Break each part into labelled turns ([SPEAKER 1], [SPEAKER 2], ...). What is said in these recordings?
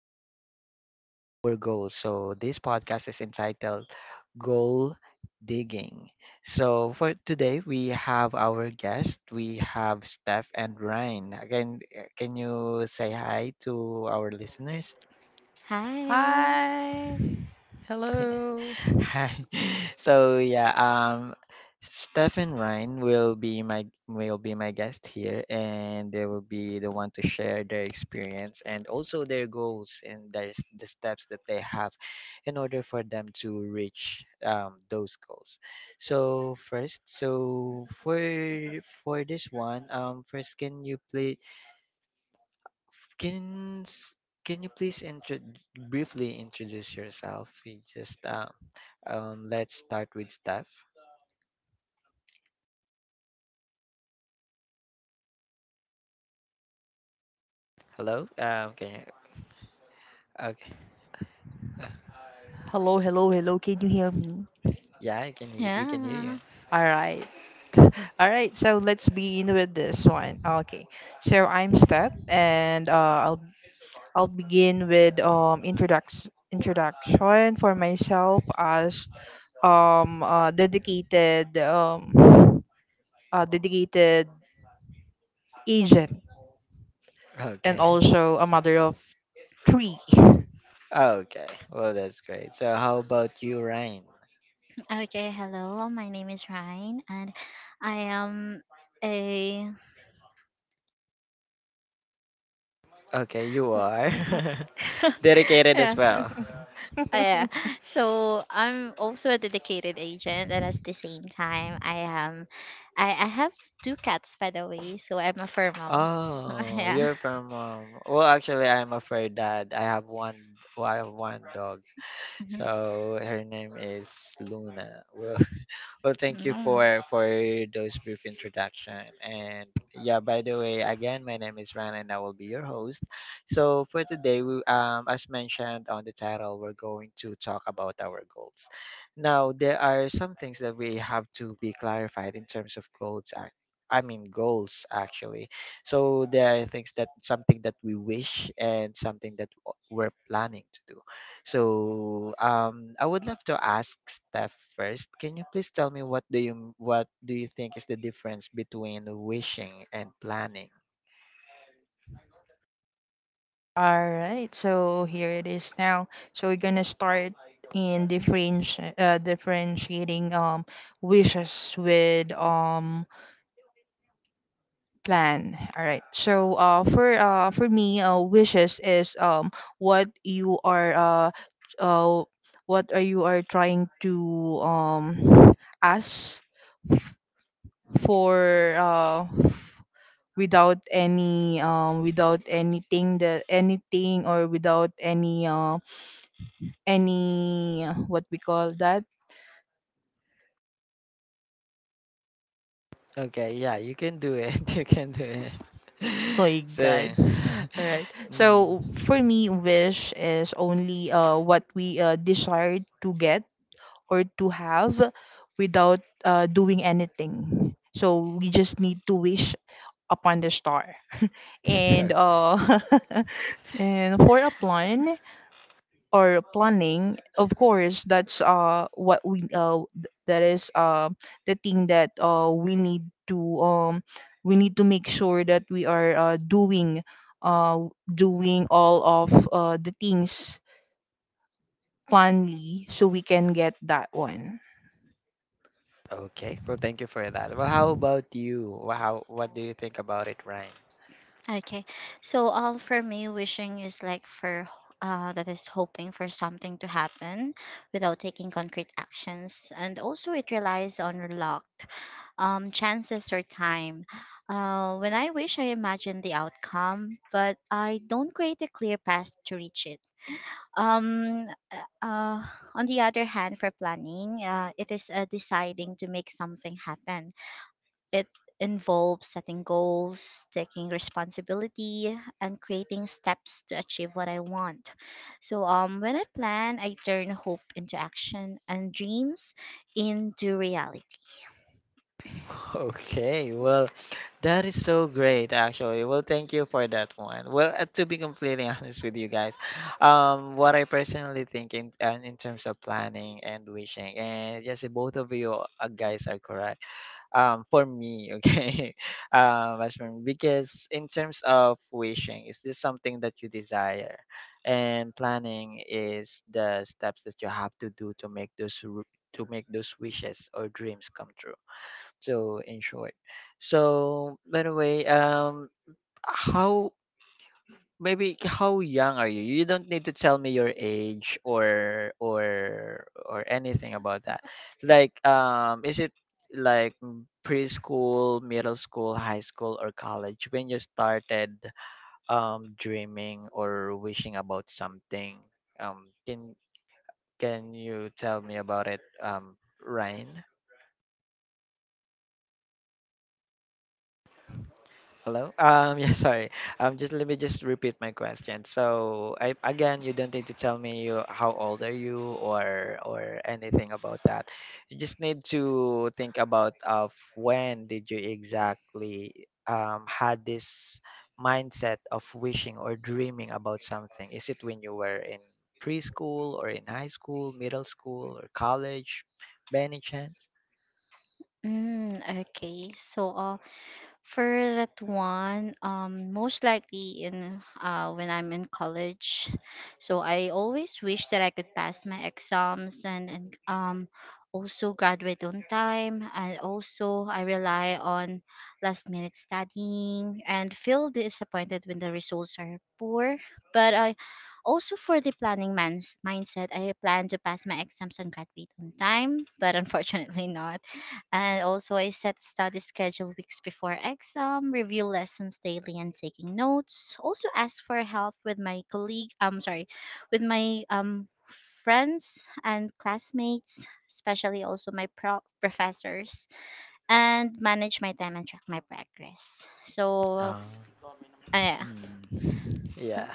[SPEAKER 1] the our goals. So this podcast is entitled "Goal Digging." So for today, we have our guest. We have Steph and Ryan. Again, can you say hi to our listeners?
[SPEAKER 2] Hi.
[SPEAKER 3] Hi. Hello.
[SPEAKER 1] Hi. So yeah, Stephen Ryan will be my guest here, and they will be the one to share their experience and also their goals and the steps that they have in order for them to reach those goals. So first, for this one, first can you play can s- can you please intro briefly introduce yourself? We just let's start with Steph. Hello. Can you? Okay. Uh,
[SPEAKER 3] Hello, hello, hello. Can you hear me?
[SPEAKER 1] yeah. I can. We can hear you.
[SPEAKER 2] Yeah.
[SPEAKER 3] All right. All right. So let's begin with this one. Okay. So I'm Steph, and I'll begin with introduction for myself as dedicated dedicated agent and
[SPEAKER 1] Okay.
[SPEAKER 3] also a mother of three.
[SPEAKER 1] Okay. Well, that's great. So how about you, Ryan?
[SPEAKER 2] Okay. Hello. My name is Ryan, and I am a.
[SPEAKER 1] Okay, you
[SPEAKER 2] Oh,
[SPEAKER 1] are
[SPEAKER 2] oh,
[SPEAKER 1] dedicated as
[SPEAKER 2] yeah.
[SPEAKER 1] well.
[SPEAKER 2] Oh, yeah. So I'm also a dedicated agent, and at the same time, I am. I have two cats, by the way. So I'm a fur mom.
[SPEAKER 1] Oh,
[SPEAKER 2] Yeah.
[SPEAKER 1] you're from well actually I'm afraid that I have one well, I have one dog.
[SPEAKER 2] Mhm.
[SPEAKER 1] So her name is Luna. Well, well, thank you
[SPEAKER 2] No.
[SPEAKER 1] for those brief introduction. And yeah, by the way, again, my name is Ran, and I will be your host. So for today, we as mentioned on the title, we're going to talk about our goals. Now there are some things that we have to be clarified in terms of goals. Goals actually. So there are things that something that we wish and something that we're planning to do. So, I would love to ask Steph first. Can you please tell me what do you think is the difference between wishing and planning?
[SPEAKER 3] All right, so here it is now. So we're gonna start in differentiating wishes with plan. All right, so for me wishes is what you are t- uh what are you are trying to um ask f- for uh without any without anything that anything or without any any what we call that
[SPEAKER 1] Okay, yeah, you can do it. You can do it.
[SPEAKER 3] Oh my
[SPEAKER 1] So.
[SPEAKER 3] god. All right, so for
[SPEAKER 1] Mm.
[SPEAKER 3] me wish is only what we desire to get or to have without doing anything, so we just need to wish upon the star.
[SPEAKER 1] Okay.
[SPEAKER 3] And and for a plan or planning, of course that's what we that is the thing that we need to make sure that we are doing uh doing all of the things planly so we can get that one.
[SPEAKER 1] Okay. Well, thank you for that. Well, how about you? Wha- How What do you think about it, Ryan?
[SPEAKER 2] Okay. So for me, wishing is like for that is hoping for something to happen without taking concrete actions, and also it relies on luck, chances or time. When I wish, I imagine the outcome, but I don't create a clear path to reach it. Um, uh, on the other hand, for planning, it is, deciding to make something happen. It involves setting goals, taking responsibility, and creating steps to achieve what I want. So, when I plan, I turn hope into action, and dreams into reality.
[SPEAKER 1] Okay, well, that is so great actually. Well, thank you for that one. Well, to be completely honest with you guys, what I personally think in terms of planning and wishing, and yes, both of you guys are correct. For me, okay, as for me, because in terms of wishing, is this something that you desire? And planning is the steps that you have to do to make to make those wishes or dreams come true so in short. So by the way, how maybe how young are you? You don't need to tell me your age or or anything about that. Like is it like preschool, middle school, high school or college when you started dreaming or wishing about something? Um can can you tell me about it, Ryan? Hello? Yeah, sorry. Just let me just repeat my question. So, I again, you don't need to tell me how old are you or anything about that. You just need to think about of when did you exactly had this mindset of wishing or dreaming about something. Is it when you were in preschool or in high school, middle school or college, by any chance?
[SPEAKER 2] Mm, okay, so uh, For that one, most likely in when I'm in college, so I always wish that I could pass my exams and also graduate on time. And also, I rely on last minute studying and feel disappointed when the results are poor. But I also, for the planning man's mindset, I plan to pass my exams and graduate on time, but unfortunately not. And also, I set study schedule weeks before exam, review lessons daily, and taking notes. Also, ask for help with my colleague. I'm sorry, with my friends and classmates, especially also my professors, and manage my time and track my progress. Uh, yeah,
[SPEAKER 1] Mm. Yeah.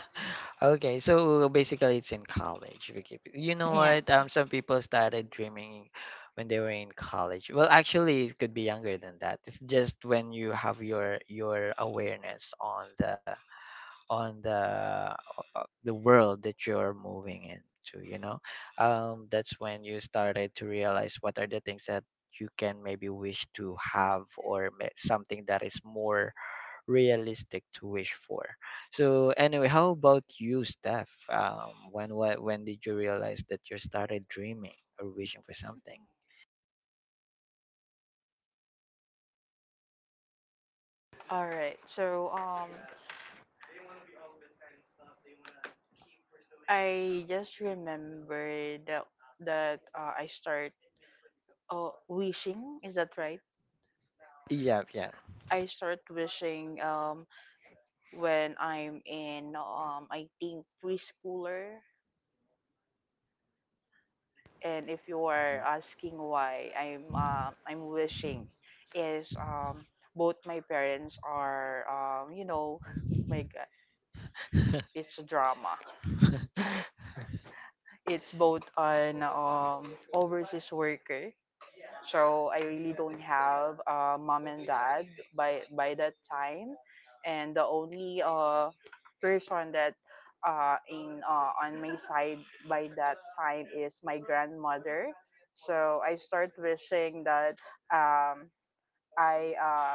[SPEAKER 1] Okay, so basically it's in college. You know
[SPEAKER 2] yeah.
[SPEAKER 1] what? Some people started dreaming when they were in college. Well, actually, it could be younger than that. It's just when you have your awareness on on the the world that you're moving into, you know? That's when you started to realize what are the things that you can maybe wish to have or something that is more realistic to wish for. So anyway, how about you, Steph? When What when did you realize that you started dreaming or wishing for something?
[SPEAKER 3] All right. So I just remembered that I start wishing. Is that right?
[SPEAKER 1] Yeah, yeah.
[SPEAKER 3] I start wishing. When I'm in, I think preschooler. And if you are asking why I'm wishing, is both my parents are, you know, my God, it's a drama. It's both an overseas worker. So I really don't have mom and dad by that time, and the only person that in on my side by that time is my grandmother. So I start wishing that um, I uh,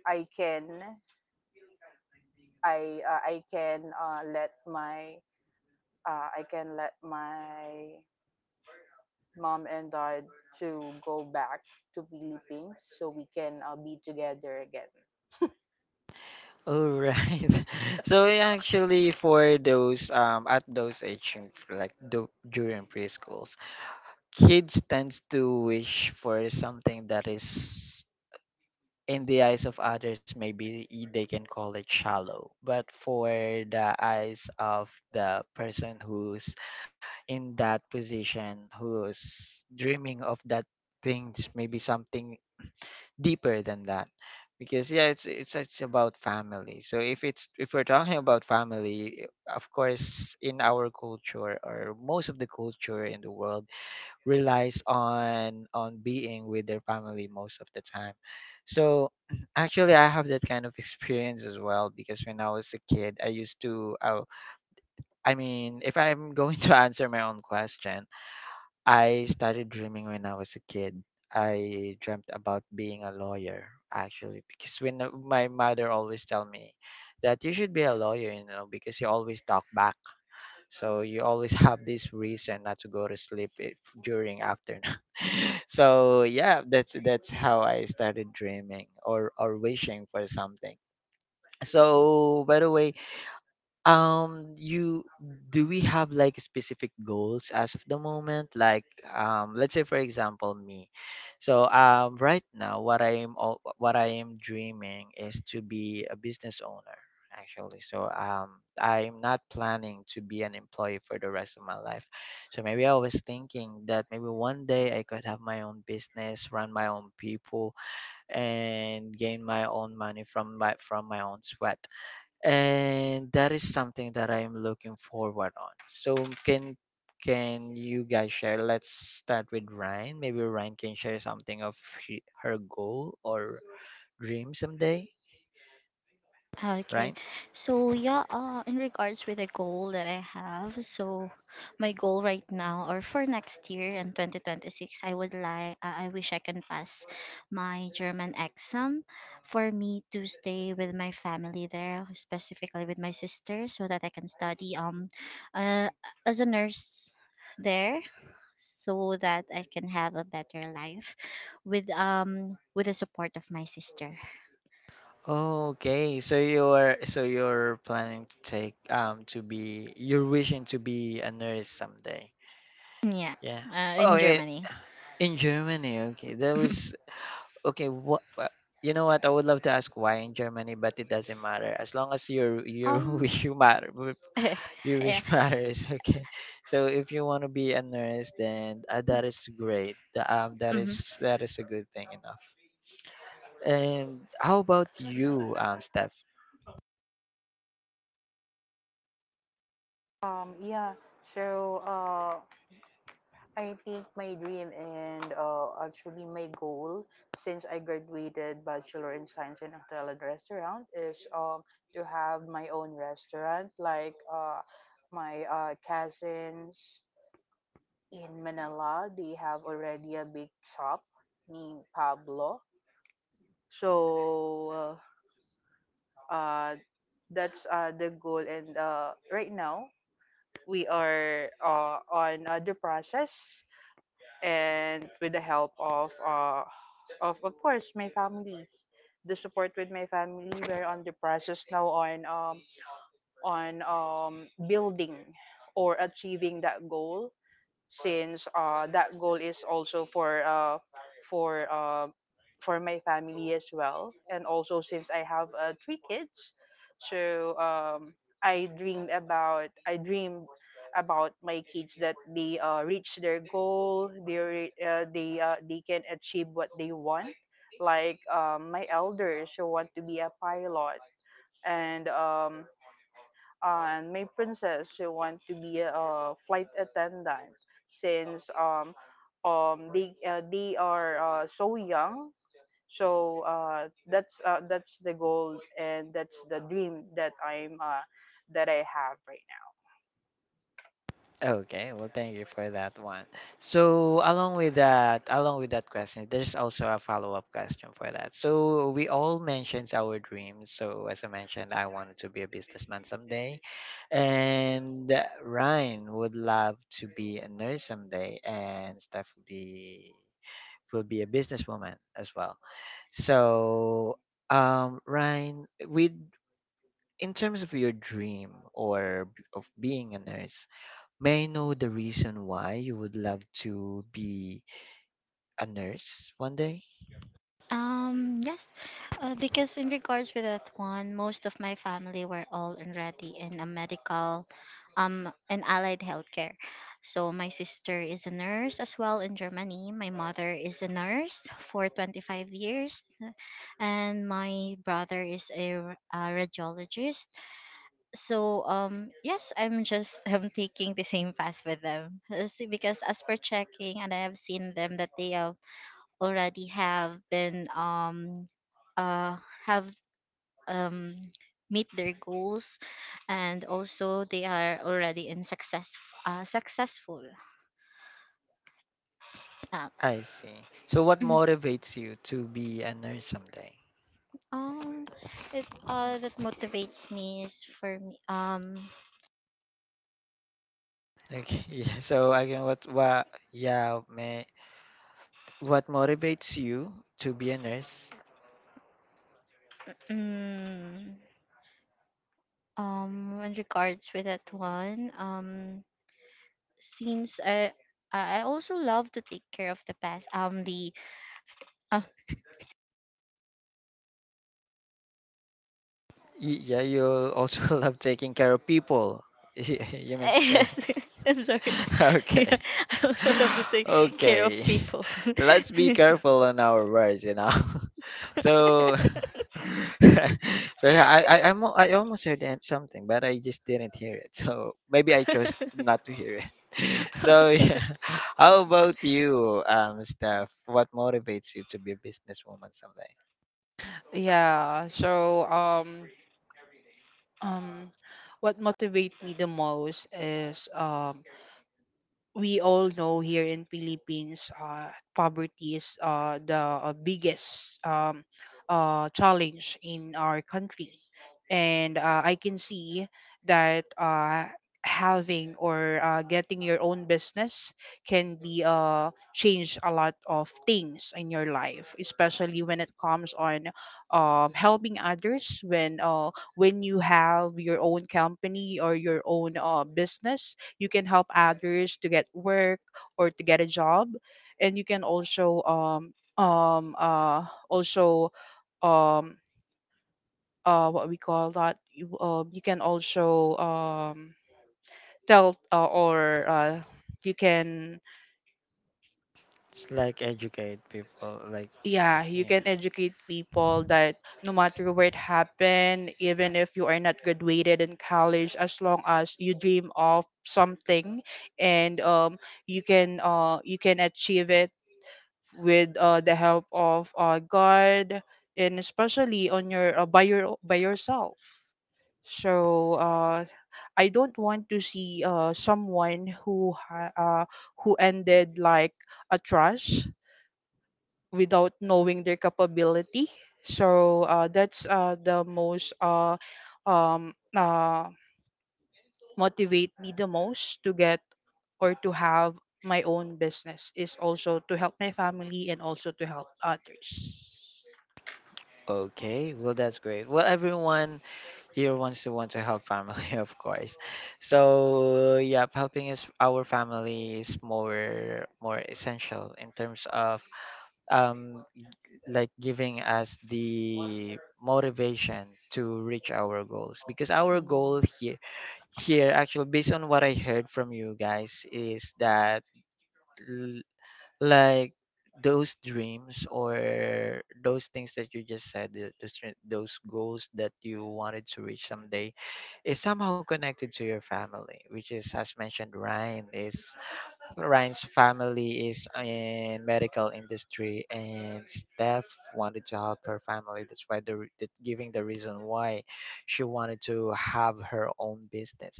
[SPEAKER 3] I can I can let my I can let my mom and dad to go back to Philippines so we can be together again.
[SPEAKER 1] All right. So yeah, actually, for those at those age, and for during preschools, kids tends to wish for something that is in the eyes of others, maybe they can call it shallow. But for the eyes of the person who's in that position, who's dreaming of that thing, just maybe something deeper than that. Because yeah, it's about family. So if it's if we're talking about family, of course, in our culture or most of the culture in the world relies on being with their family most of the time. So actually I have that kind of experience as well because when I was a kid I used to I mean if I'm going to answer my own question, I started dreaming when I was a kid. I dreamt about being a lawyer actually because when my mother always tell me that you should be a lawyer, you know, because you always talk back. So you always have this reason not to go to sleep if, during afternoon. So yeah, that's how I started dreaming or wishing for something. So by the way, you do we have like specific goals as of the moment, like let's say for example me. So right now what I am dreaming is to be a business owner actually. So I'm not planning to be an employee for the rest of my life, so maybe I was thinking that maybe one day I could have my own business, run my own people, and gain my own money from my own sweat, and that is something that I am looking forward on. So can can you guys share? Let's start with Ryan. Maybe Ryan can share something of her goal or dream someday,
[SPEAKER 2] Okay.
[SPEAKER 1] right?
[SPEAKER 2] So yeah, in regards with the goal that I have, so my goal right now or for next year in 2026, I would like, I wish I can pass my German exam, for me to stay with my family there, specifically with my sister, so that I can study uh, as a nurse there, so that I can have a better life with the support of my sister.
[SPEAKER 1] Okay, so you're planning to take to be you're wishing to be a nurse someday.
[SPEAKER 2] Yeah,
[SPEAKER 1] Yeah. Oh,
[SPEAKER 2] in
[SPEAKER 1] yeah,
[SPEAKER 2] Germany.
[SPEAKER 1] in Germany. Okay, that was okay, what, you know what? I would love to ask why in Germany, but it doesn't matter as long as your
[SPEAKER 2] um
[SPEAKER 1] your
[SPEAKER 2] yeah.
[SPEAKER 1] wish matters. Okay, so if you want to be a nurse, then that is great. That
[SPEAKER 2] Hmm.
[SPEAKER 1] is a good thing enough. And how about you, Steph?
[SPEAKER 3] Yeah, so I think my dream and actually my goal since I graduated Bachelor in Science in Hotel and Restaurant is to have my own restaurant. Like my cousins in Manila, they have already a big shop named Pablo. So uh, uh, that's the goal. And right now, we are on the process, and with the help of course my family, the support with my family, we're on the process now on building or achieving that goal, since that goal is also for for uh, for my family as well. And also since I have three kids, so I dream about my kids that they reach their goal. They they can achieve what they want, like my elders who want to be a pilot, and um, and my princess, she want to be a flight attendant, since they are so young. So that's the goal, and that's the dream that I'm that I have right now.
[SPEAKER 1] Okay, well, thank you for that one. So, along with that question, there's also a follow-up question for that. So, we all mentions our dreams. So, as I mentioned, I wanted to be a businessman someday, and Ryan would love to be a nurse someday, and Steph will be a businesswoman as well. So, Ryan, with in terms of your dream or of being a nurse, may I know the reason why you would love to be a nurse one day?
[SPEAKER 2] Yes, because in regards with that one, most of my family were all already in a medical, in allied healthcare. So my sister is a nurse as well in Germany. My mother is a nurse for 25 years, and my brother is a, a radiologist. So yes, I'm just I'm taking the same path with them. See, because as per checking, and I have seen them that they have already have been uh have um meet their goals, and also they are already in success, successful, uh,
[SPEAKER 1] I see. So what
[SPEAKER 2] Mhm.
[SPEAKER 1] motivates you to be a nurse someday?
[SPEAKER 2] um it
[SPEAKER 1] Mm.
[SPEAKER 2] that motivates me is for me.
[SPEAKER 1] Okay, yeah, so again, what motivates you to be a nurse?
[SPEAKER 2] Mm, um in regards with that one, since I I also love to take care of the past the
[SPEAKER 1] Yeah, you also love taking care of people, you meant to say.
[SPEAKER 2] Yes, I'm sorry. Yeah,
[SPEAKER 1] Okay.
[SPEAKER 2] I also love to take care
[SPEAKER 1] okay.
[SPEAKER 2] of people.
[SPEAKER 1] Let's be careful on our words, you know. So. So yeah, I almost something, but I just didn't hear it. So maybe I chose not to hear it. So yeah. How about you, Steph? What motivates you to be a businesswoman someday?
[SPEAKER 3] Yeah. So um what motivates me the most is we all know here in Philippines, poverty is the biggest challenge in our country, and I can see that having or getting your own business can be change a lot of things in your life, especially when it comes on helping others. When you have your own company or your own business, you can help others to get work or to get a job, and you can also um uh also um what we call that, you you can also tell or you can,
[SPEAKER 1] It's like educate people, like.
[SPEAKER 3] yeah, you can
[SPEAKER 1] Yeah.
[SPEAKER 3] educate people that no matter where it happened, even if you are not graduated in college, as long as you dream of something and you can achieve it with the help of God, and especially on your by your by yourself. So I don't want to see someone who ended like a trust without knowing their capability. So that's the most um, uh, motivate me the most to get or to have my own business, is also to help my family and also to help others.
[SPEAKER 1] Okay, well that's great. Well, everyone, you're ones who want to help family, of course. So yeah, helping is our family is more essential in terms of um like giving us the motivation to reach our goals, because our
[SPEAKER 3] Mm.
[SPEAKER 1] goal here actually based on what I heard from you guys is that like those dreams or those things that you just said, those goals that you wanted to reach someday is somehow connected to your family, which is as mentioned, Ryan's family is in medical industry, and Steph wanted to help her family. That's why the, re- the giving the reason why she wanted to have her own business.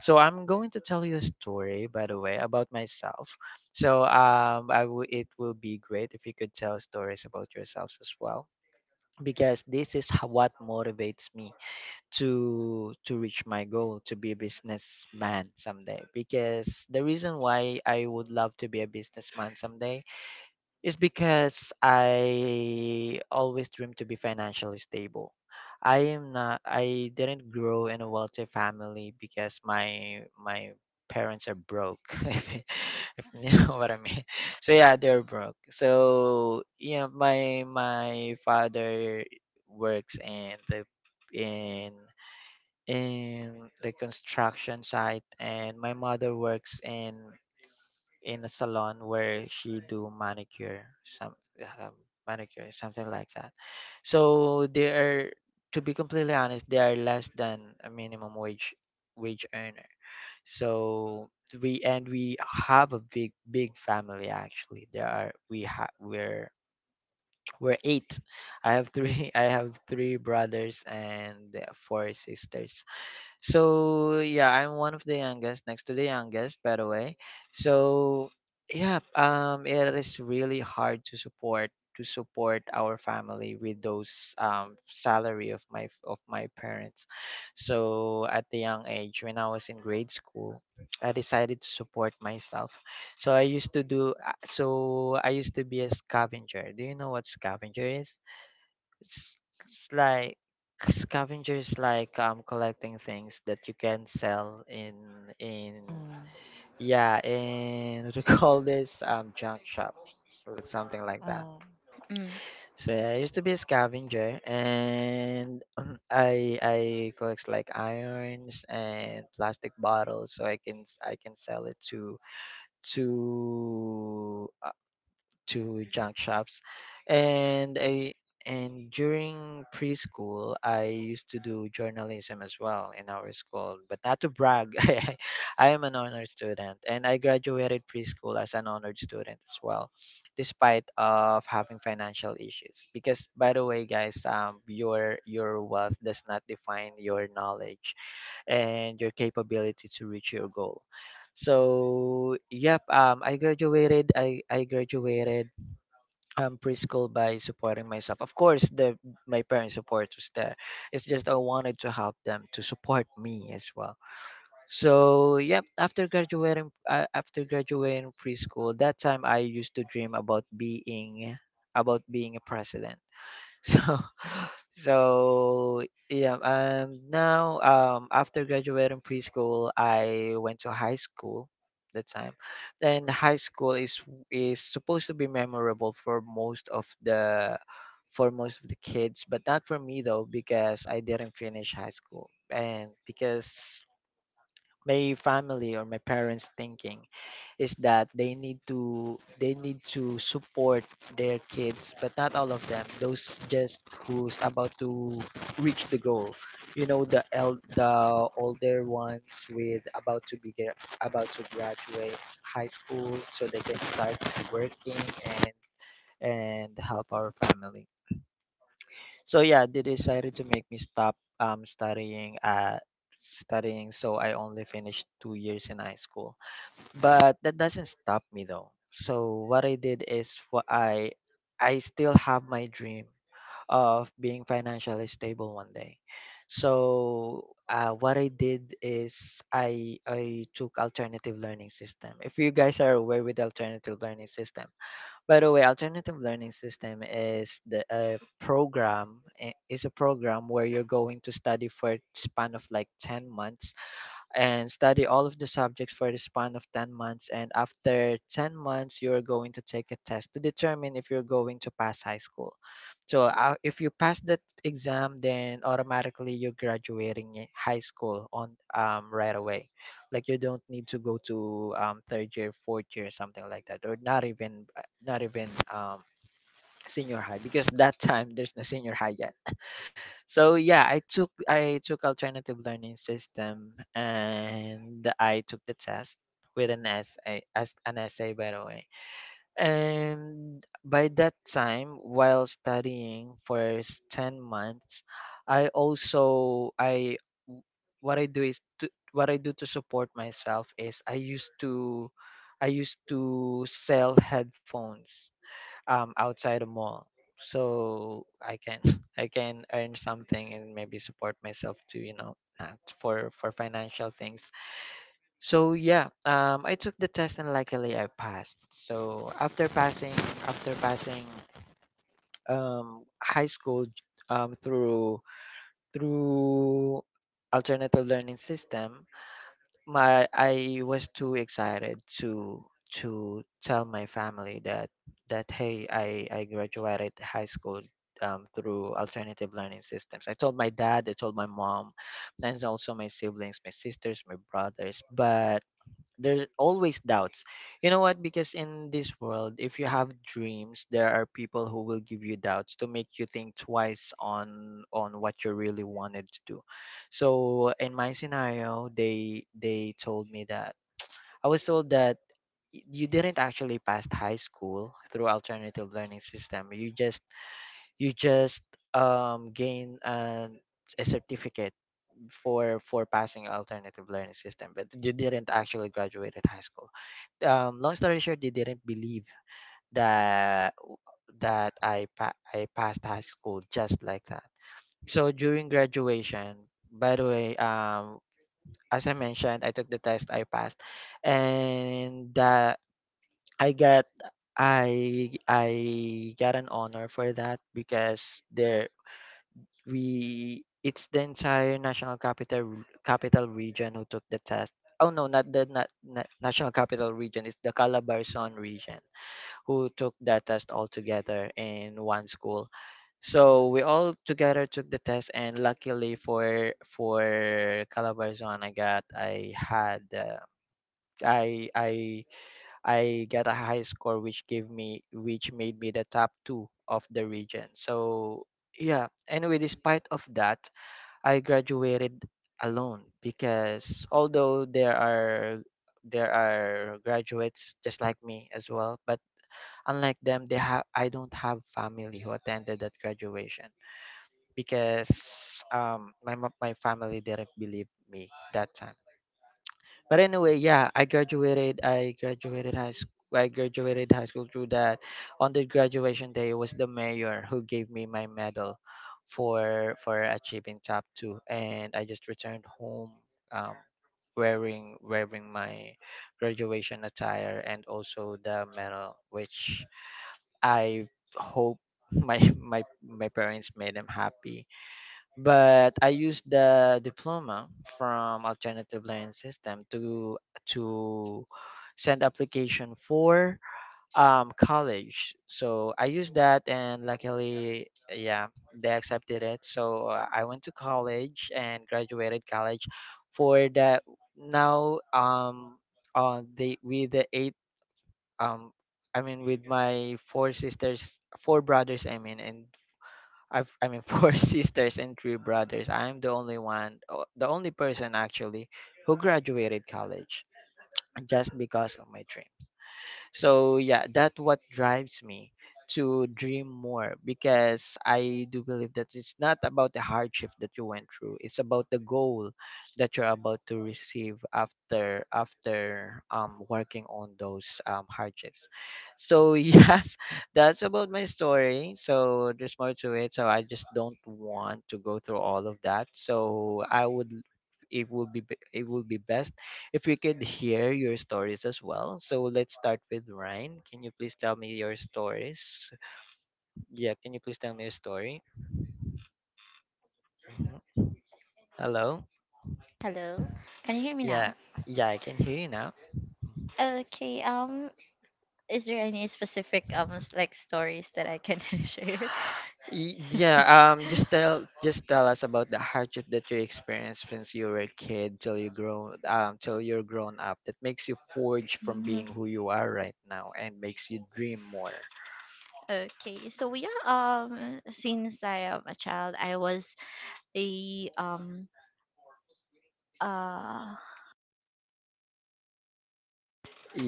[SPEAKER 1] So I'm going to tell you a story, by the way, about myself. So it will be great if you could tell stories about yourselves as well, because this is what motivates me to reach my goal to be a businessman someday, because the reason why I would love to be a businessman someday is because I always dream to be financially stable. I am not I didn't grow in a wealthy family because my parents are broke, if, if you know what I mean. So yeah, they're broke. So yeah, my father works in the in in the construction site, and my mother works in a salon where she do manicure some um, manicure something like that. So they are, to be completely honest, they are less than a minimum wage earner. So we have a big family. Actually, there are we're eight. I have three I have three brothers and four sisters. So yeah, I'm one of the youngest, next to the youngest, by the way. So yeah, it is really hard to support our family with those salary of my parents. So at the young age, when I was in grade school, I decided to support myself. So I used to be a scavenger. Do you know what scavenger is? It's, it's like scavenger is like collecting things that you can sell in
[SPEAKER 3] Mm.
[SPEAKER 1] yeah in what do you call this, junk shop, so like something like
[SPEAKER 3] Mm.
[SPEAKER 1] that.
[SPEAKER 2] Mm.
[SPEAKER 1] So yeah, I used to be a scavenger and I collect like irons and plastic bottles so I can sell it to to uh, to junk shops, and I and during preschool I used to do journalism as well in our school, but not to brag. I am an honored student, and I graduated preschool as an honored student as well, despite of having financial issues. Because by the way, guys, your wealth does not define your knowledge and your capability to reach your goal. So, yep, I graduated. I graduated preschool by supporting myself. Of course, the my parents' support was there. It's just I wanted to help them to support me as well. So yep, after graduating preschool, that time I used to dream about being a president. So so yeah, now after graduating preschool, I went to high school that time. And high school is supposed to be memorable for most of the for most of the kids, but not for me though, because I didn't finish high school. And because my family or my parents thinking is that they need to support their kids, but not all of them, those just who's about to reach the goal, you know, the older ones, with about to graduate high school so they can start working and help our family. So yeah, they decided to make me stop um studying uh studying, so I only finished 2 years in high school. But that doesn't stop me though. So what I did is what I still have my dream of being financially stable one day. So what I did is I took alternative learning system. If you guys are aware with alternative learning system, by the way, alternative learning system is the is a program where you're going to study for a span of like 10 months and study all of the subjects for the span of 10 months. And after 10 months, you're going to take a test to determine if you're going to pass high school. So if you pass that exam, then automatically you're graduating high school on right away. Like you don't need to go to third year, fourth year, something like that, or not even senior high, because that time there's no senior high yet. So yeah, I took alternative learning system and I took the test with an essay as an essay, by the way. And by that time, while studying for 10 months, I also I w- what I do is to, what I do to support myself is I used to sell headphones outside a mall so I can I can earn something and maybe support myself to, you know, uh, for financial things. So yeah, I took the test and luckily I passed. So after passing high school through through alternative learning system, my I was too excited to tell my family that hey, I graduated high school, through alternative learning systems. I told my dad, I told my mom, and also my siblings, my sisters, my brothers. But there's always doubts, you know what, because in this world if you have dreams there are people who will give you doubts to make you think twice on what you really wanted to do. So in my scenario, they told me that I was told that y- you didn't actually pass high school through alternative learning system, you just gain an a certificate for passing alternative learning system, but you didn't actually graduate at high school. Long story short, they didn't believe that that I passed high school just like that. So during graduation, by the way, as I mentioned, I took the test, I passed, and that i got I got an honor for that, because there we it's the entire national capital region who took the test. Oh no, not the not, na national capital region, it's the Calabarzon region who took that test all together in one school. So we all together took the test, and luckily for Calabarzon, I got I had I I I got a high score, which gave me which made me the top two of the region. So yeah, anyway, despite of that, I graduated alone, because although there are graduates just like me as well, but unlike them, they have, I don't have family who attended that graduation, because my family didn't believe me that time. But anyway, yeah, I graduated. I graduated high school through that. On the graduation day, it was the mayor who gave me my medal for achieving top two, and I just returned home, um, wearing my graduation attire and also the medal, which I hope my my parents made them happy. But I used the diploma from alternative learning system to to send application for college. So I used that, and luckily yeah, they accepted it. So I went to college and graduated college for the now on the with the eight um I mean with my four sisters four brothers I mean and I've, I mean, four sisters and three brothers. I'm the only person actually who graduated college, just because of my dreams. So yeah, that what drives me to dream more, because I do believe that it's not about the hardship that you went through. It's about the goal that you're about to receive after working on those hardships. So yes, that's about my story. So there's more to it. So I just don't want to go through all of that. So I would, it will be best if we could hear your stories as well. So let's start with Ryan. Can you please tell me your stories? Yeah, can you please tell me your story? Mhm. Hello?
[SPEAKER 2] Hello, can you hear me
[SPEAKER 1] Yeah.
[SPEAKER 2] now?
[SPEAKER 1] Yeah, I can hear you now.
[SPEAKER 2] Okay. Is there any specific like stories that I can share?
[SPEAKER 1] Yeah, just tell us about the hardship that you experienced since you were a kid till you grow till you're grown up, that makes you forge from being who you are right now and makes you dream more.
[SPEAKER 2] Okay, so yeah, since I am a child, I was a uh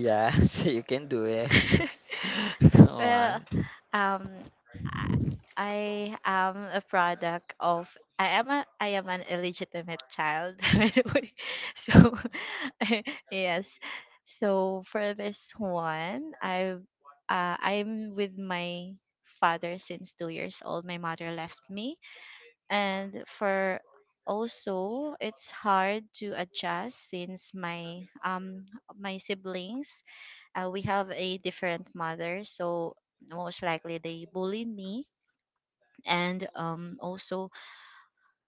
[SPEAKER 1] Yeah, so you can do it.
[SPEAKER 2] well
[SPEAKER 1] Come
[SPEAKER 2] um I, I am a product of, I am an illegitimate child by the way. So yes, so for this one, I I'm with my father since 2 years old. My mother left me, and for, also it's hard to adjust since my my siblings, we have a different mother, so most likely they bullied me, and also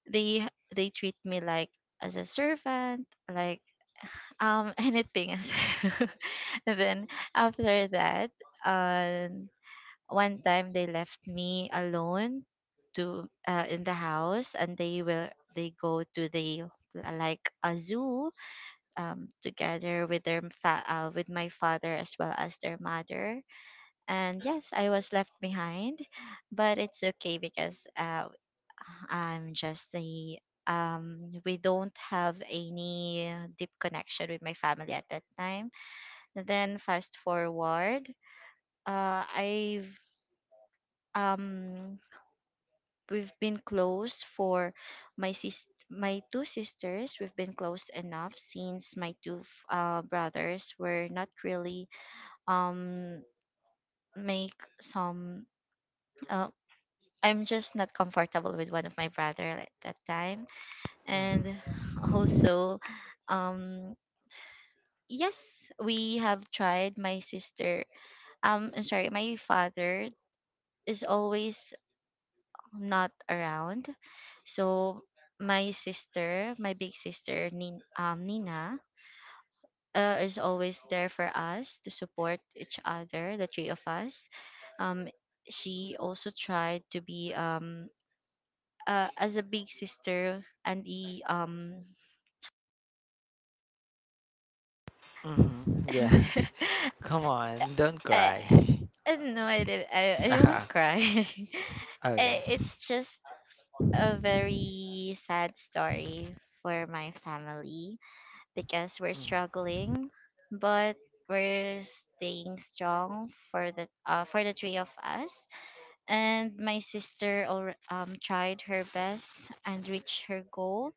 [SPEAKER 2] they they treat me like as a servant, like anything else. And then after that, uh, one time they left me alone to, in the house, and they will, they go to the like a zoo, together with their with my father as well as their mother. And yes, I was left behind, but it's okay because I'm just a, we don't have any deep connection with my family at that time. Then fast forward, I've um we've been close for my sis my two sisters. We've been close enough since my two brothers were not really um make some. Uh, I'm just not comfortable with one of my brother at that time,
[SPEAKER 1] on.
[SPEAKER 2] and also, um. Yes, we have tried. My sister, I'm sorry, my father is always not around. So my sister, my big sister, Nina, is always there for us to support each other, the three of us. Um, she also tried to be as a big sister, and e.
[SPEAKER 1] Mhm. Yeah. Come on, don't
[SPEAKER 2] I,
[SPEAKER 1] cry.
[SPEAKER 2] I no, I didn't. I won't
[SPEAKER 1] Aha.
[SPEAKER 2] cry.
[SPEAKER 1] Okay.
[SPEAKER 2] I- it's just a very sad story for my family because we're
[SPEAKER 1] Mm.
[SPEAKER 2] struggling, but we're staying strong for the, for the three of us. And my sister tried her best and reached her goal.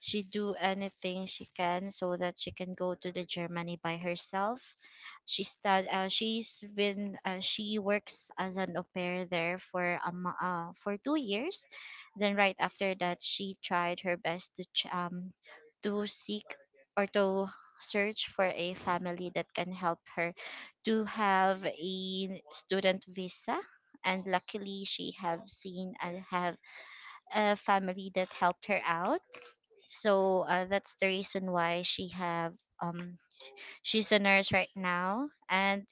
[SPEAKER 2] She do anything she can so that she can go to the Germany by herself. She stud she's been, she works as an au pair there for 2 years. Then right after that, she tried her best to to seek or to search for a family that can help her to have a student visa. And luckily, she have seen and have a family that helped her out. So that's the reason why she have um she's a nurse right now. And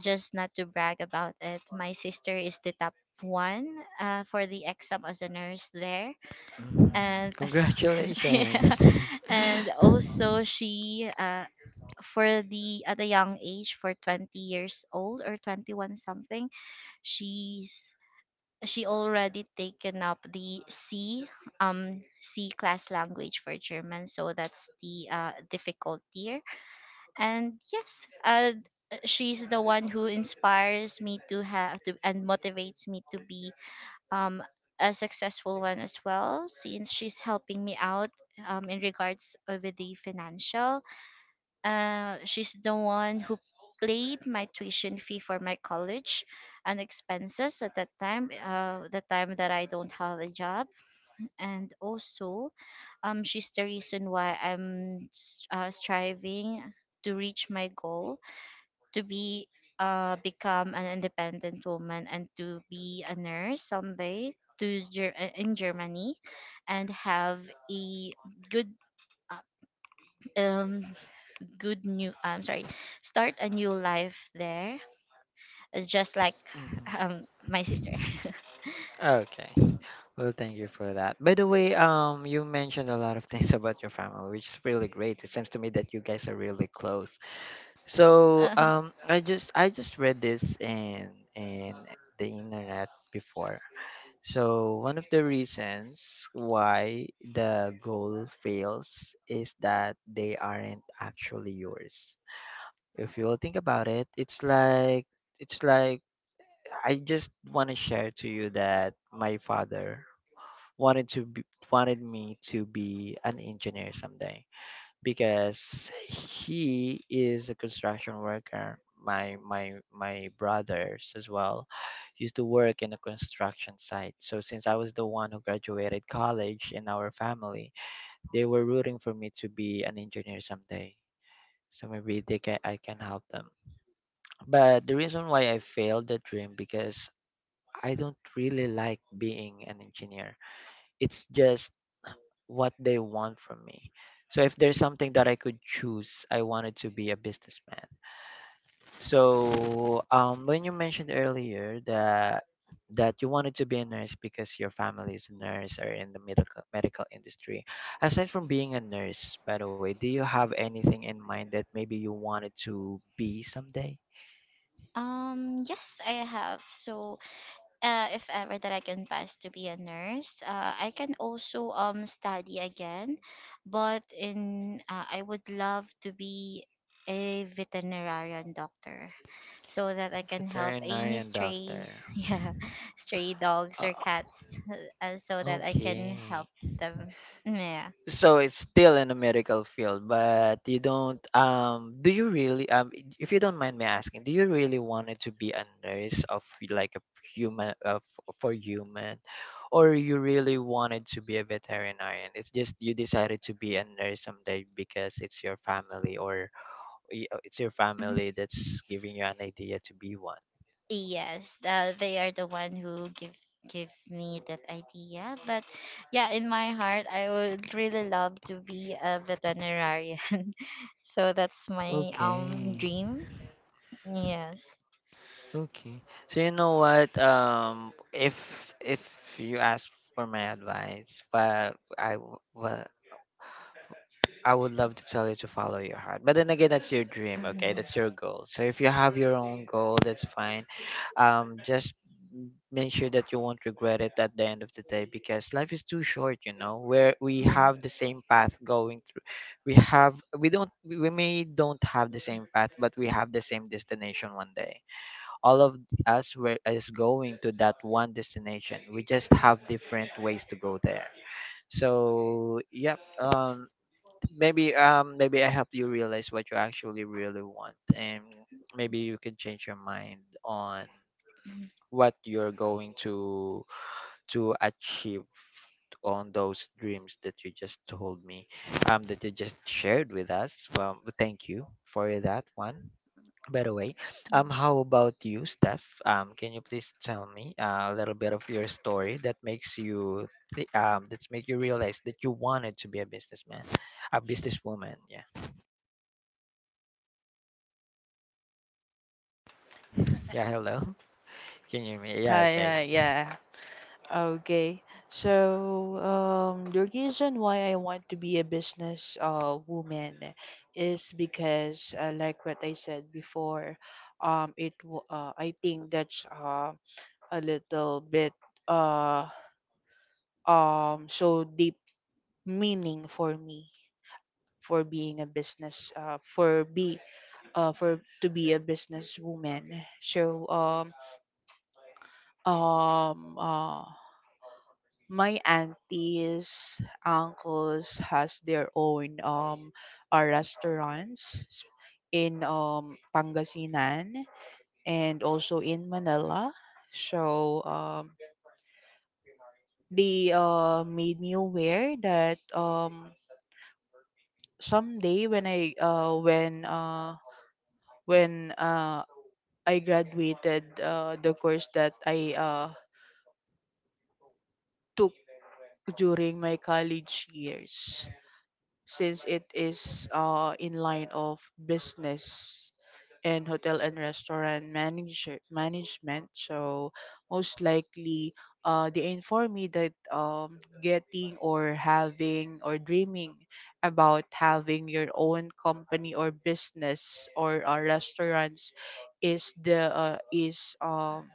[SPEAKER 2] just not to brag about it, my sister is the top one for the exam as a nurse there,
[SPEAKER 1] Mhm.
[SPEAKER 2] and so, yeah.
[SPEAKER 1] Congratulations.
[SPEAKER 2] And also she, for the at a young age for 20 years old or 21 something, she's, she already taken up the C, C class language for German, so that's the difficult tier. And yes, uh she's the one who inspires me to have to and motivates me to be um a successful one as well, since she's helping me out in regards with the financial. She's the one who paid my tuition fee for my college and expenses at that time, the time that I don't have a job. And also, she's the reason why I'm striving to reach my goal, to be, become an independent woman and to be a nurse someday, to in Germany, and have a good, uh, um good new I'm sorry, start a new life there. It's just like
[SPEAKER 1] Mhm.
[SPEAKER 2] my sister.
[SPEAKER 1] Okay. Well, thank you for that. By the way, you mentioned a lot of things about your family, which is really great. It seems to me that you guys are really close. So,
[SPEAKER 2] Uh-huh.
[SPEAKER 1] I just read this in the internet before. So, one of the reasons why the goal fails is that they aren't actually yours. If you'll think about it, it's like I just want to share to you that my father wanted to be, wanted me to be an engineer someday, because he is a construction worker. My brothers as well used to work in a construction site. So since I was the one who graduated college in our family, they were rooting for me to be an engineer someday. So maybe they can I can help them. But the reason why I failed the dream, because I don't really like being an engineer, it's just what they want from me. So if there's something that I could choose, I wanted to be a businessman. So when you mentioned earlier that you wanted to be a nurse because your family is a nurse or in the medical industry, aside from being a nurse, by the way, do you have anything in mind that maybe you wanted to be someday?
[SPEAKER 2] Um, yes, I have. So if ever that I can pass to be a nurse, I can also study again, but in I would love to be a veterinarian doctor, so that I can help any
[SPEAKER 1] Veterinarian doctor.
[SPEAKER 2] strays, yeah, stray dogs
[SPEAKER 1] Uh,
[SPEAKER 2] or cats, so that I can
[SPEAKER 1] okay.
[SPEAKER 2] help them. Yeah.
[SPEAKER 1] So it's still in the medical field, but you don't do you really if you don't mind me asking, do you really wanted to be a nurse of like a human of for human, or you really wanted to be a veterinarian? It's just you decided to be a nurse someday because it's your family, or it's your
[SPEAKER 2] Mhm.
[SPEAKER 1] family that's giving you an idea to be one.
[SPEAKER 2] Yes, they are the one who give me that idea. But yeah, in my heart, I would really love to be a veterinarian. So that's my
[SPEAKER 1] Okay.
[SPEAKER 2] dream. Yes.
[SPEAKER 1] Okay. So you know what? If you ask for my advice, well, I would love to tell you to follow your heart. But then again, that's your dream. Okay,
[SPEAKER 2] Mhm.
[SPEAKER 1] that's your goal. So if you have your own goal, that's fine. Just make sure that you won't regret it at the end of the day because life is too short. You know, where we
[SPEAKER 2] Mhm.
[SPEAKER 1] have the same path going through, we may don't have the same path, but we have the same destination one day. All of is going to that one destination. We just have different ways to go there. So yeah, maybe I help you realize what you actually really want, and maybe you can change your mind on what you're going to achieve on those dreams that you just told me, that you just shared with us. Well, thank you for that one, by the way. How about you, Steph? Can you please tell me a little bit of your story that makes you th- that's make you realize that you wanted to be a businessman, a businesswoman? Yeah. Yeah. Hello. Can you hear me? Yeah.
[SPEAKER 3] Hi,
[SPEAKER 1] Okay.
[SPEAKER 3] hi, yeah. Okay. So, the reason why I want to be a business woman is because like what I said before, I think that's a little bit uh so deep meaning for me for being a business for be for to be a business woman. So um uh my aunties, uncles has their own restaurants in Pangasinan and also in Manila. So they made me aware that someday when I graduated the course that I took during my college years, since it is in line of business and hotel and restaurant management. So most likely, they inform me that getting or having or dreaming about having your own company or business or restaurants is the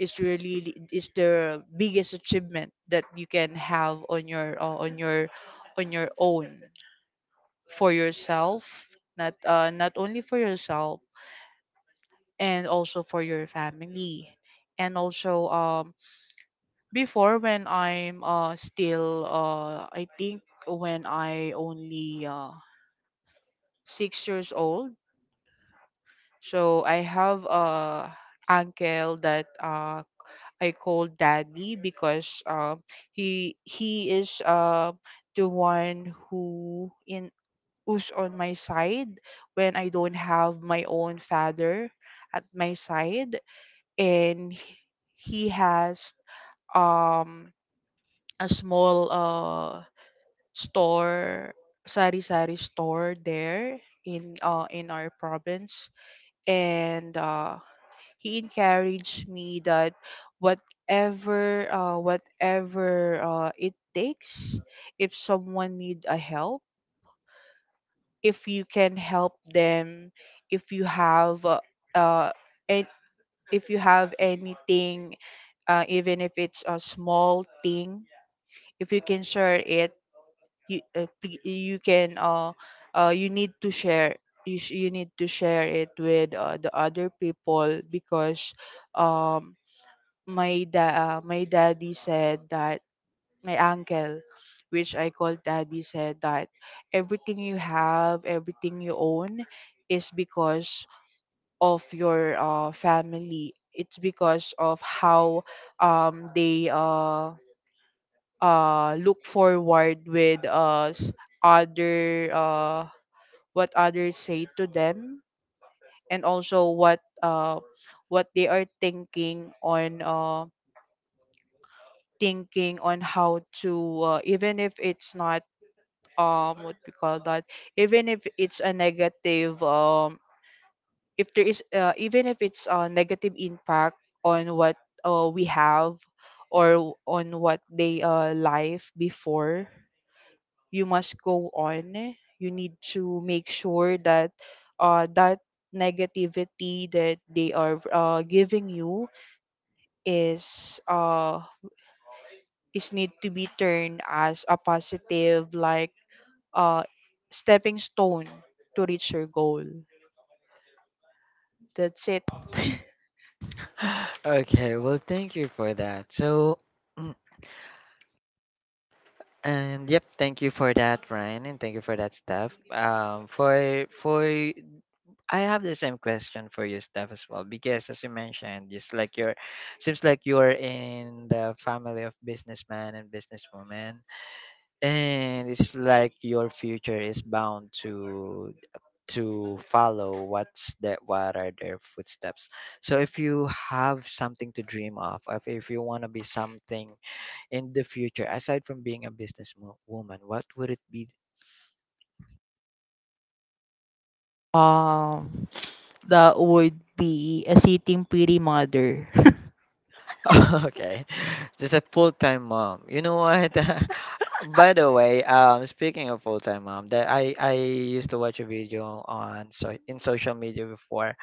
[SPEAKER 3] is really is the biggest achievement that you can have on your on your on your own for yourself, not only for yourself, and also for your family. And also before, when I think when I only 6 years old, so I have a uncle that I call daddy, because he is the one who in who's on my side when I don't have my own father at my side. And he has um a small store, sari sari store there in our province. And he encouraged me that whatever it takes, if someone need a help, if you can help them, if you have uh, and if you have anything, even if it's a small thing, if you can share it, you uh, pl- you can uh, you need to share. You need to share it with the other people, because um my da- uh, my daddy said that my uncle, which I call daddy, said that everything you have, everything you own, is because of your family. It's because of how they look forward with us, other what others say to them, and also what they are thinking on. Thinking on how to even if it's not what we call that, even if it's a negative, if there is even if it's a negative impact on what we have or on what they life before, you must go on, you need to make sure that that negativity that they are giving you is uh is need to be turned as a positive, like uh stepping stone to reach your goal. That's it.
[SPEAKER 1] Okay, well, thank you for that. So, mm, and yep, thank you for that, Ryan, and thank you for that, Steph. For I have the same question for you, Steph, as well, because as you mentioned, it's like seems like you're in the family of businessman and businesswoman, and it's like your future is bound to follow what are their footsteps. So if you have something to dream of, if you want to be something in the future aside from being a woman, what would it be?
[SPEAKER 3] Um, that would be a sitting pretty mother.
[SPEAKER 1] Okay, just a full-time mom. You know what? By the way, speaking of full-time mom, that I used to watch a video on, so in social media before,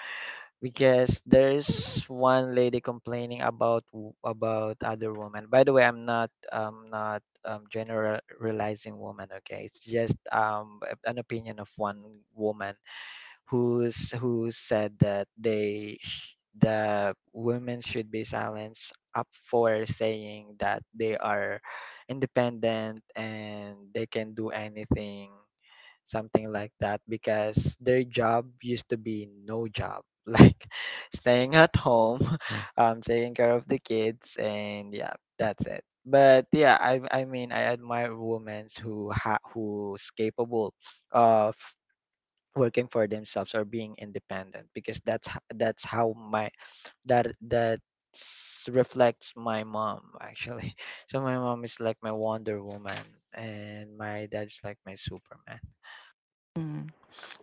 [SPEAKER 1] because there's one lady complaining about about other women. By the way, I'm not generalizing women. Okay, it's just an opinion of one woman who said that they the women should be silenced up for saying that they are independent and they can do anything, something like that, because their job used to be no job, like staying at home. Taking care of the kids, and yeah, that's it. But yeah, I mean, I admire women who who's capable of working for themselves or being independent, because that's that's how my that reflects my mom, actually. So my mom is like my Wonder Woman, and my dad's like my Superman.
[SPEAKER 3] Mm.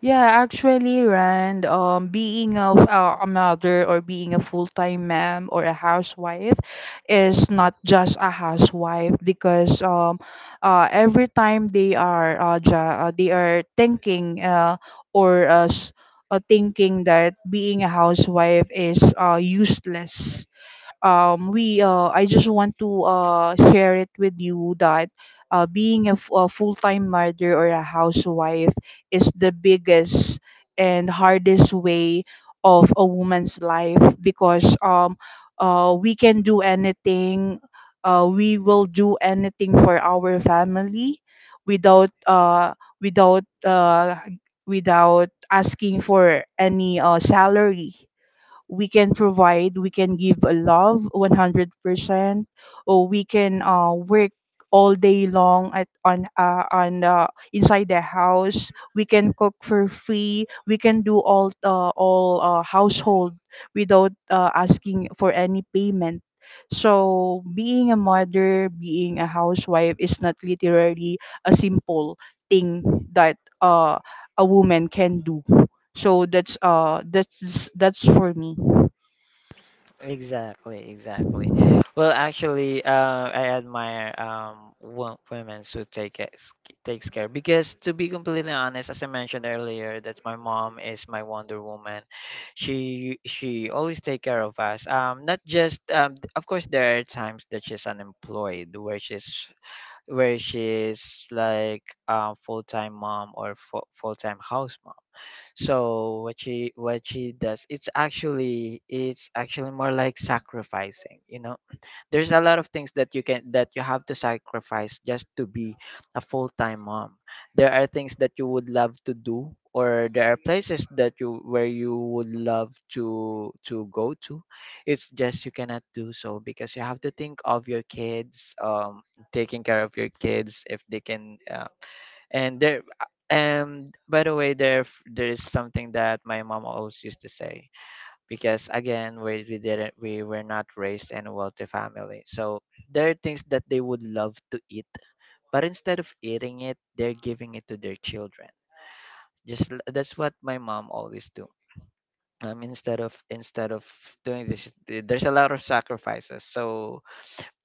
[SPEAKER 3] Yeah, actually, Rand, being a mother, or being a full-time mom or a housewife, is not just a housewife, because every time they are they are thinking or uh, s- thinking that being a housewife is useless. We I just want to share it with you that being a full-time mother or a housewife is the biggest and hardest way of a woman's life, because we can do anything, we will do anything for our family without without uh without asking for any salary. We can provide, we can give a love 100%, or we can work all day long at on inside the house. We can cook for free, we can do all household without asking for any payment. So being a mother, being a housewife, is not literally a simple thing that a woman can do. So that's for me.
[SPEAKER 1] Exactly, exactly. Well, actually, I admire women who take it, takes care, because to be completely honest, as I mentioned earlier, that my mom is my Wonder Woman. She always take care of us. Not just of course there are times that she's unemployed, where she's like full time mom or full time house mom. So what she, what she does, it's actually, it's actually more like sacrificing, you know. There's a lot of things that you can that you have to sacrifice just to be a full-time mom. There are things that you would love to do, or there are places that you where you would love to go to. It's just you cannot do so because you have to think of your kids, taking care of your kids if they can and there, and by the way, there is something that my mom always used to say, because again, we didn't, we were not raised in a wealthy family. So there are things that they would love to eat, but instead of eating it, they're giving it to their children. That's what my mom always do. Instead of doing there's a lot of sacrifices. So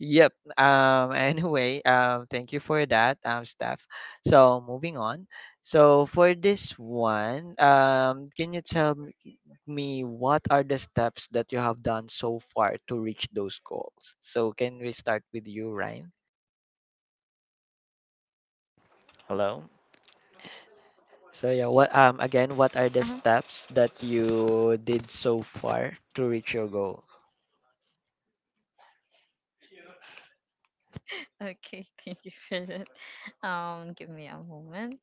[SPEAKER 1] yep. Anyway, thank you for that, Steph. So moving on. So for this one, can you tell me, what are the steps that you have done so far to reach those goals? So can we start with you, Ryan? Hello? So yeah, what, again, what are the
[SPEAKER 2] Mhm.
[SPEAKER 1] steps that you did so far to reach your goal?
[SPEAKER 2] Okay, thank you for that. Give me a moment.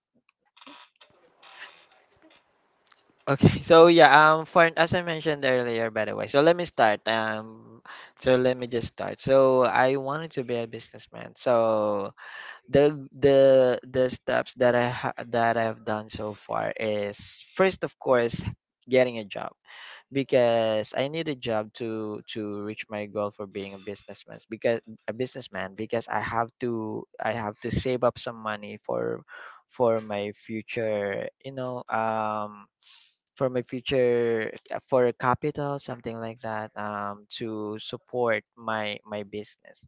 [SPEAKER 1] Okay, so yeah, for as I mentioned earlier, by the way, so let me start. So let me just start. So I wanted to be a businessman. So the steps that that I've done so far is first, of course, getting a job, because I need a job to reach my goal for being a businessman, because I have to save up some money for my future, you know, for my future, for a capital, something like that, to support my business.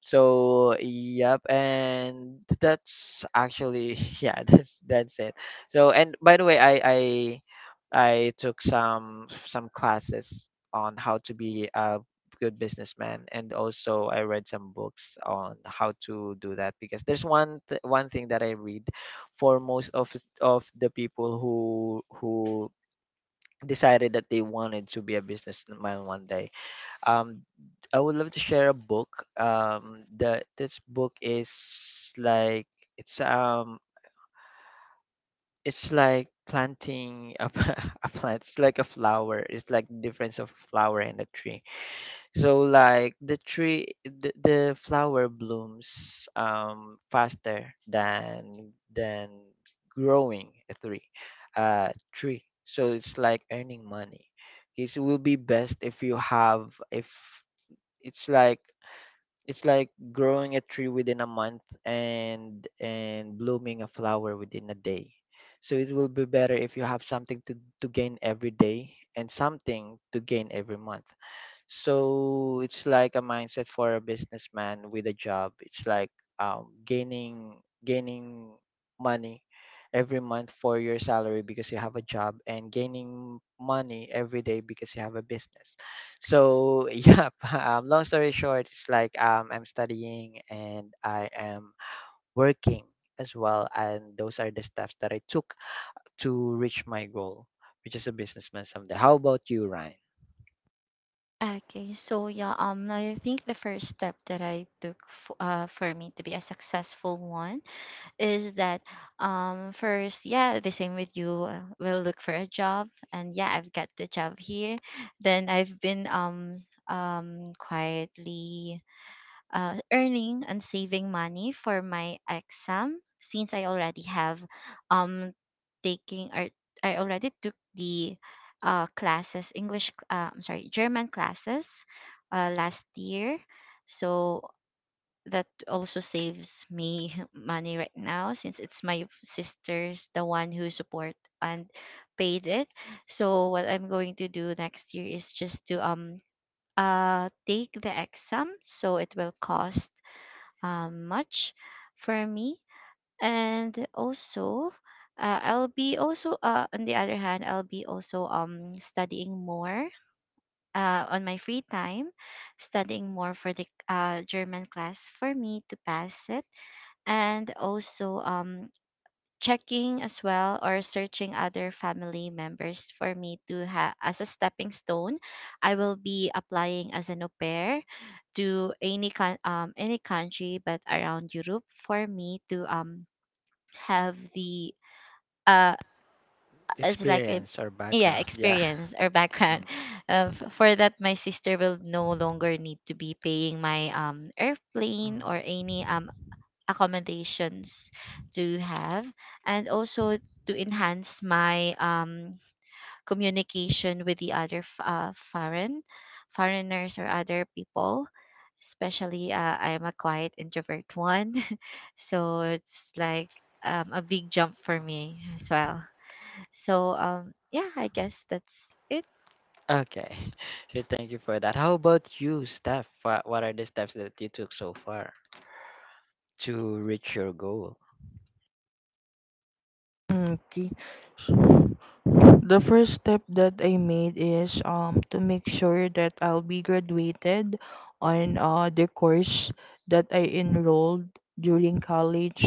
[SPEAKER 1] So yep, and that's actually yeah, that's it. So, and by the way, I took some classes on how to be a good businessman, and also I read some books on how to do that, because there's one one thing that I read for most of the people who decided that they wanted to be a businessman one day. Um, I would love to share a book. The this book is like, it's um it's like planting a, a plant. It's like a flower. It's like difference of flower and a tree. So like the flower blooms faster than growing a tree, tree. So it's like earning money. Okay, so it will be best if you have if it's like, it's like growing a tree within a month and blooming a flower within a day. So it will be better if you have something to gain every day and something to gain every month. So it's like a mindset for a businessman with a job. It's like um, gaining gaining money every month for your salary because you have a job, and gaining money every day because you have a business. So yeah, long story short, it's like I'm studying and I am working as well, and those are the steps that I took to reach my goal, which is a businessman someday. How about you, Ryan?
[SPEAKER 2] Okay, so yeah, I think the first step that I took for me to be a successful one is that first, yeah, the same with you, will look for a job, and yeah, I've got the job here. Then I've been quietly earning and saving money for my exam, since I already have um taking or I already took the I'm sorry, German classes last year, so that also saves me money right now, since it's my sister's the one who support and paid it. So what I'm going to do next year is just to take the exam, so it will cost much for me. And also, I'll be also, on the other hand, I'll be also studying more on my free time, studying more for the, German class, for me to pass it. And also, checking as well or searching other family members for me to have as a stepping stone. I will be applying as an au pair to any coun any country, but around Europe, for me to have the uh as like a
[SPEAKER 1] Experience or
[SPEAKER 2] yeah,
[SPEAKER 1] background. Yeah.
[SPEAKER 2] experience or background.
[SPEAKER 1] Mm,
[SPEAKER 2] Of, for that my sister will no longer need to be paying my airplane or
[SPEAKER 1] mm,
[SPEAKER 2] any accommodations to have. And also to enhance my, communication with the other foreign, foreigners or other people, especially, I'm a quiet introvert one. So it's like, a big jump for me as well. So yeah, I guess that's it.
[SPEAKER 1] mm. Okay. So thank you for that. How about you, Steph? What are the steps that you took so far to reach your goal?
[SPEAKER 3] Okay. So the first step that I made is to make sure that I'll be graduated on the course that I enrolled during college,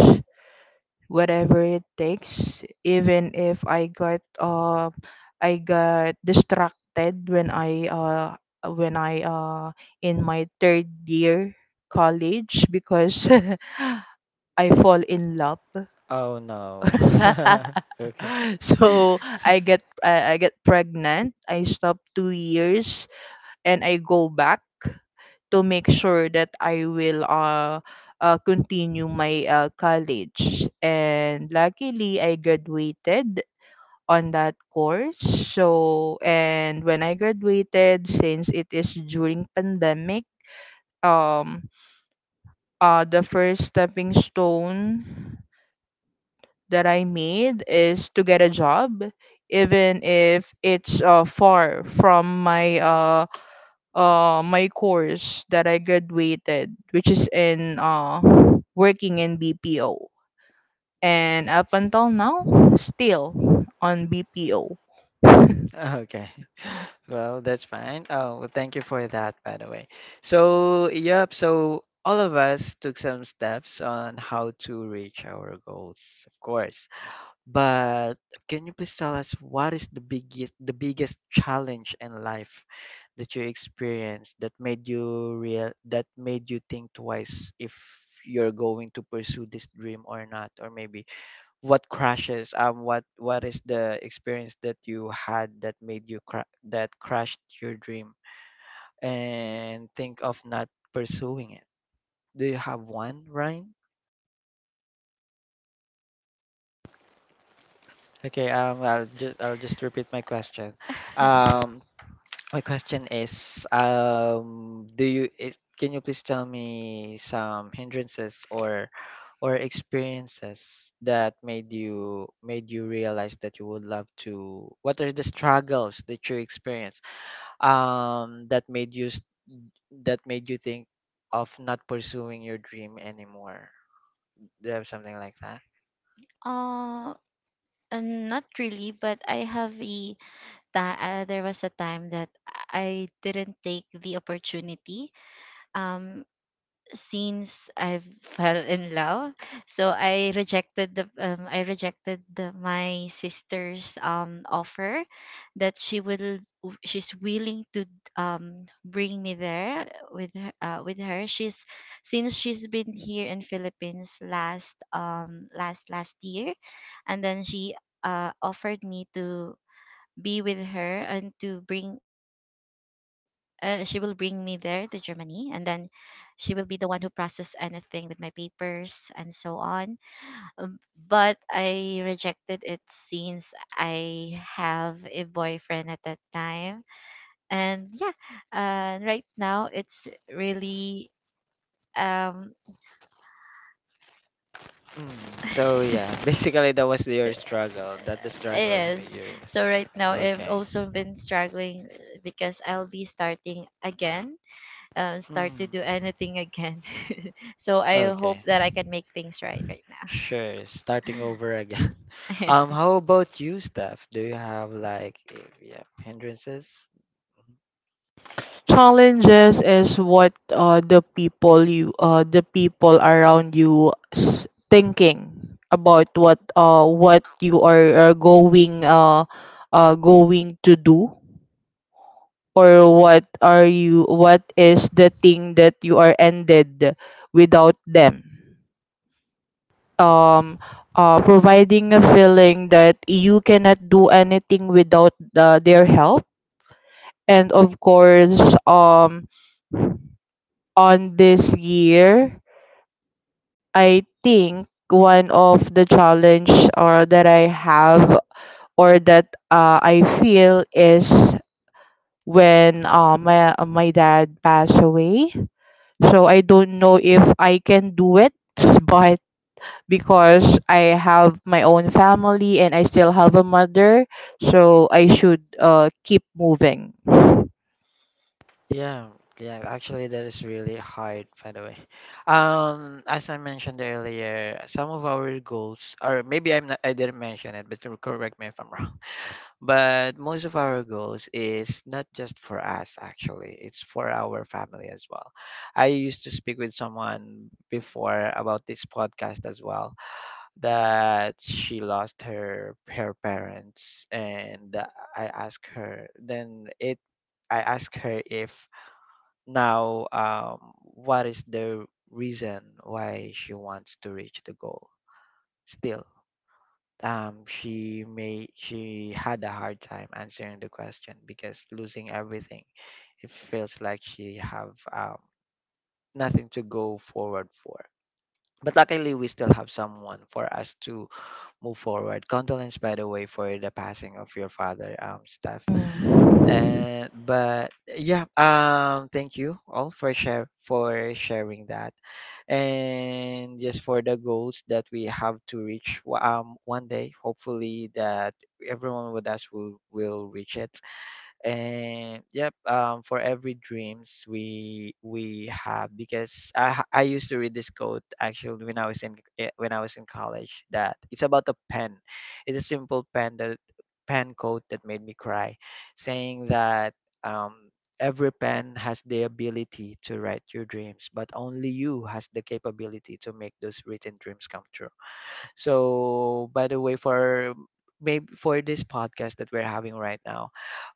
[SPEAKER 3] whatever it takes, even if I got distracted when I in my third year college, because I fall in love.
[SPEAKER 1] Oh no. Okay.
[SPEAKER 3] So I get pregnant. I stop 2 years, and I go back to make sure that I will continue my college. And luckily, I graduated on that course. So, and when I graduated, since it is during pandemic, um, the first stepping stone that I made is to get a job, even if it's far from my course that I graduated, which is in working in BPO. And up until now, still on BPO.
[SPEAKER 1] Okay. Well, that's fine. Oh, well, thank you for that, by the way. So, yep, so all of us took some steps on how to reach our goals, of course. But can you please tell us, what is the biggest challenge in life that you experienced that made you real that made you think twice if you're going to pursue this dream or not? Or maybe what crashes, what is the experience that you had that made you that crashed your dream and think of not pursuing it? Do you have one, Ryan? Okay, I'll just repeat my question. um My question is, do you, it, can you please tell me some hindrances or experiences that made you realize that you would love to? What are the struggles that you experienced that made you that made you think of not pursuing your dream anymore? Do you have something like that?
[SPEAKER 2] uh, and not really, but I have a, there was a time that I didn't take the opportunity, um since I've fell in love. So I rejected the, my sister's offer that she's willing to bring me there with her, She's, since she's been here in Philippines last last year. And then she, offered me to be with her and to bring, she will bring me there to Germany. And then she will be the one who process anything with my papers and so on. But I rejected it since I have a boyfriend at that time. And yeah, right now it's really um
[SPEAKER 1] So yeah, basically that was your struggle. That the struggle
[SPEAKER 2] it is.
[SPEAKER 1] made you realize.
[SPEAKER 2] So right now I've
[SPEAKER 1] Okay.
[SPEAKER 2] also been struggling because I'll be starting again, start to
[SPEAKER 1] Mm.
[SPEAKER 2] do anything again. So I hope
[SPEAKER 1] Okay.
[SPEAKER 2] that I can make things right right now.
[SPEAKER 1] Sure. Starting over again.
[SPEAKER 2] Yeah.
[SPEAKER 1] How about you, Steph? Do you have like, eh, yeah, hindrances?
[SPEAKER 3] Challenges is what the people around you thinking about what you are going to do, or what are you, what is the thing that you are ended without them,
[SPEAKER 1] Mhm.
[SPEAKER 3] um providing a feeling that you cannot do anything without their help. And of course, um on this year, I think one of the challenge or that I have, or that I feel, is when my dad passed away. So I don't know if I can do it, but because I have my own family and I still have a mother, so I should keep moving. Mm.
[SPEAKER 1] Yeah, yeah, actually that is really hard, by the way. As I mentioned earlier, some of our goals, or maybe I didn't mention it, but correct me if I'm wrong. But most of our goals is not just for us, actually, it's for our family as well. I used to speak with someone before about this podcast as well, that she lost her parents, and I asked her, then it I asked her, if now, what is the reason why she wants to reach the goal? Still, she had a hard time answering the question because losing everything, it feels like she have nothing to go forward for. But luckily, we still have someone for us to move forward. Condolence, by the way, for the passing of your father, Steph. And but yeah, thank you all for share for sharing that, and just for the goals that we have to reach. One day, hopefully that everyone with us will reach it, and yep. For every dreams we have, because I used to read this quote, actually, when I was in when I was in college. That it's about a pen. It's a simple pen, that pen quote that made me cry, saying that, um every pen has the ability to write your dreams, but only you has the capability to make those written dreams come true. So, by the way, for maybe for this podcast that we're having right now,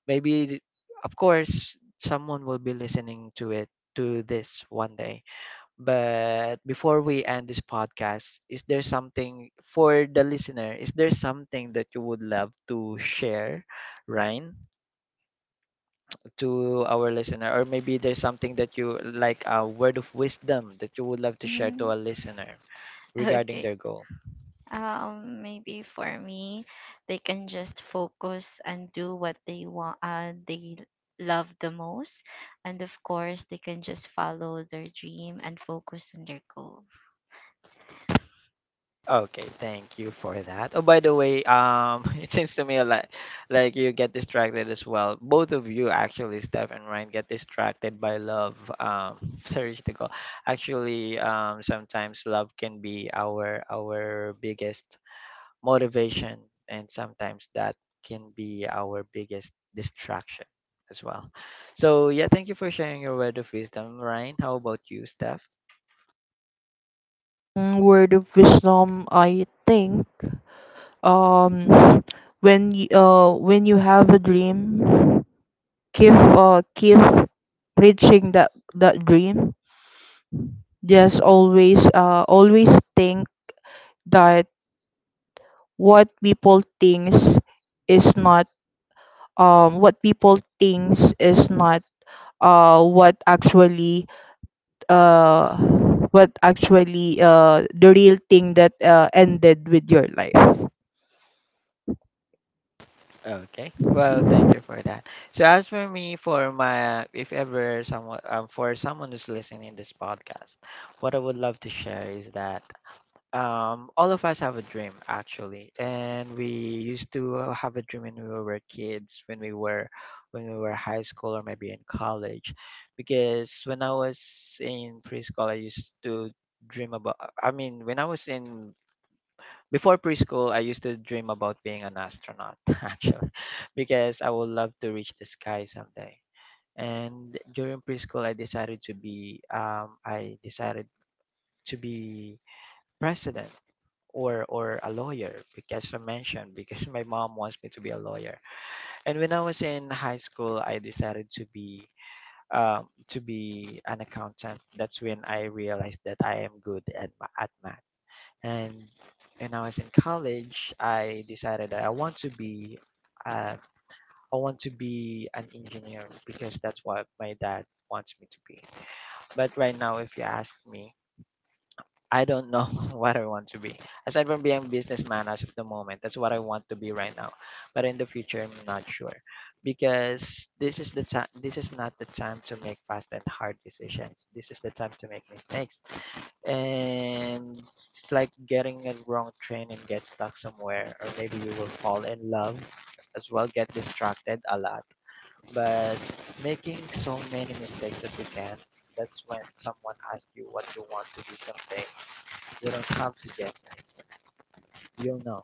[SPEAKER 1] maybe, of course, someone will be listening to it, to this, one day. But before we end this podcast, is there something for the listener, is there something that you would love to share, Ryan, to our listener? Or maybe there's something that you like, a word of wisdom that you would love to share to
[SPEAKER 2] Mhm.
[SPEAKER 1] a listener regarding
[SPEAKER 2] Okay.
[SPEAKER 1] their goal?
[SPEAKER 2] Maybe for me, they can just focus and do what they want, they love the most, and of course, they can just follow their dream and focus on their goal.
[SPEAKER 1] Okay, thank you for that. Oh, by the way, it seems to me like you get distracted as well. Both of you, actually, Steph and Ryan, get distracted by love. Sorry to go. Actually, sometimes love can be our biggest motivation, and sometimes that can be our biggest distraction as well. So yeah, thank you for sharing your word of wisdom, Ryan. How about you, Steph?
[SPEAKER 3] Mm, word of wisdom, I think. Um, when you have a dream, keep keep preaching that dream. Just always always think that what people thinks is not what people thinks is not what actually uh what actually the real thing that ended with your life.
[SPEAKER 1] Okay. Well, thank you for that. So as for me, for my if ever someone, for someone who's listening this podcast, what I would love to share is that, um, all of us have a dream, actually, and we used to have a dream when we were kids, when we were high school, or maybe in college, because when I was in preschool, I used to dream about. I mean, when I was in before preschool, I used to dream about being an astronaut, actually, because I would love to reach the sky someday. And during preschool, I decided to be, to be president or a lawyer, because my mom wants me to be a lawyer. And when I was in high school, I decided to be an accountant. That's when I realized that I am good at math. And when I was in college, I decided that I want to be uh, an engineer, because that's what my dad wants me to be. But right now, if you ask me, I don't know what I want to be. Aside from being a businessman as of the moment, that's what I want to be right now. But in the future, I'm not sure, because this is the time. This is not the time to make fast and hard decisions. This is the time to make mistakes, and it's like getting a wrong train and get stuck somewhere, or maybe you will fall in love as well, get distracted a lot, but making so many mistakes as you can, that's when someone asks you what you want to be someday, you don't have to guess, you'll know.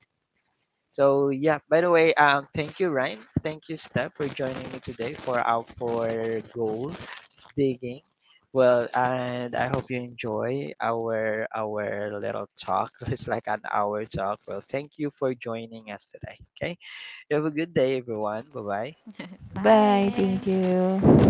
[SPEAKER 1] So yeah, by the way, um, thank you, Ryan, thank you, Steph, for joining me today for our for goal digging. Well, and I hope you enjoy our little talk. It's like an hour talk. Well, thank you for joining us today. Okay, you have a good day, everyone. Bye
[SPEAKER 3] Bye.
[SPEAKER 2] Bye.
[SPEAKER 3] Thank
[SPEAKER 1] bye.
[SPEAKER 3] you.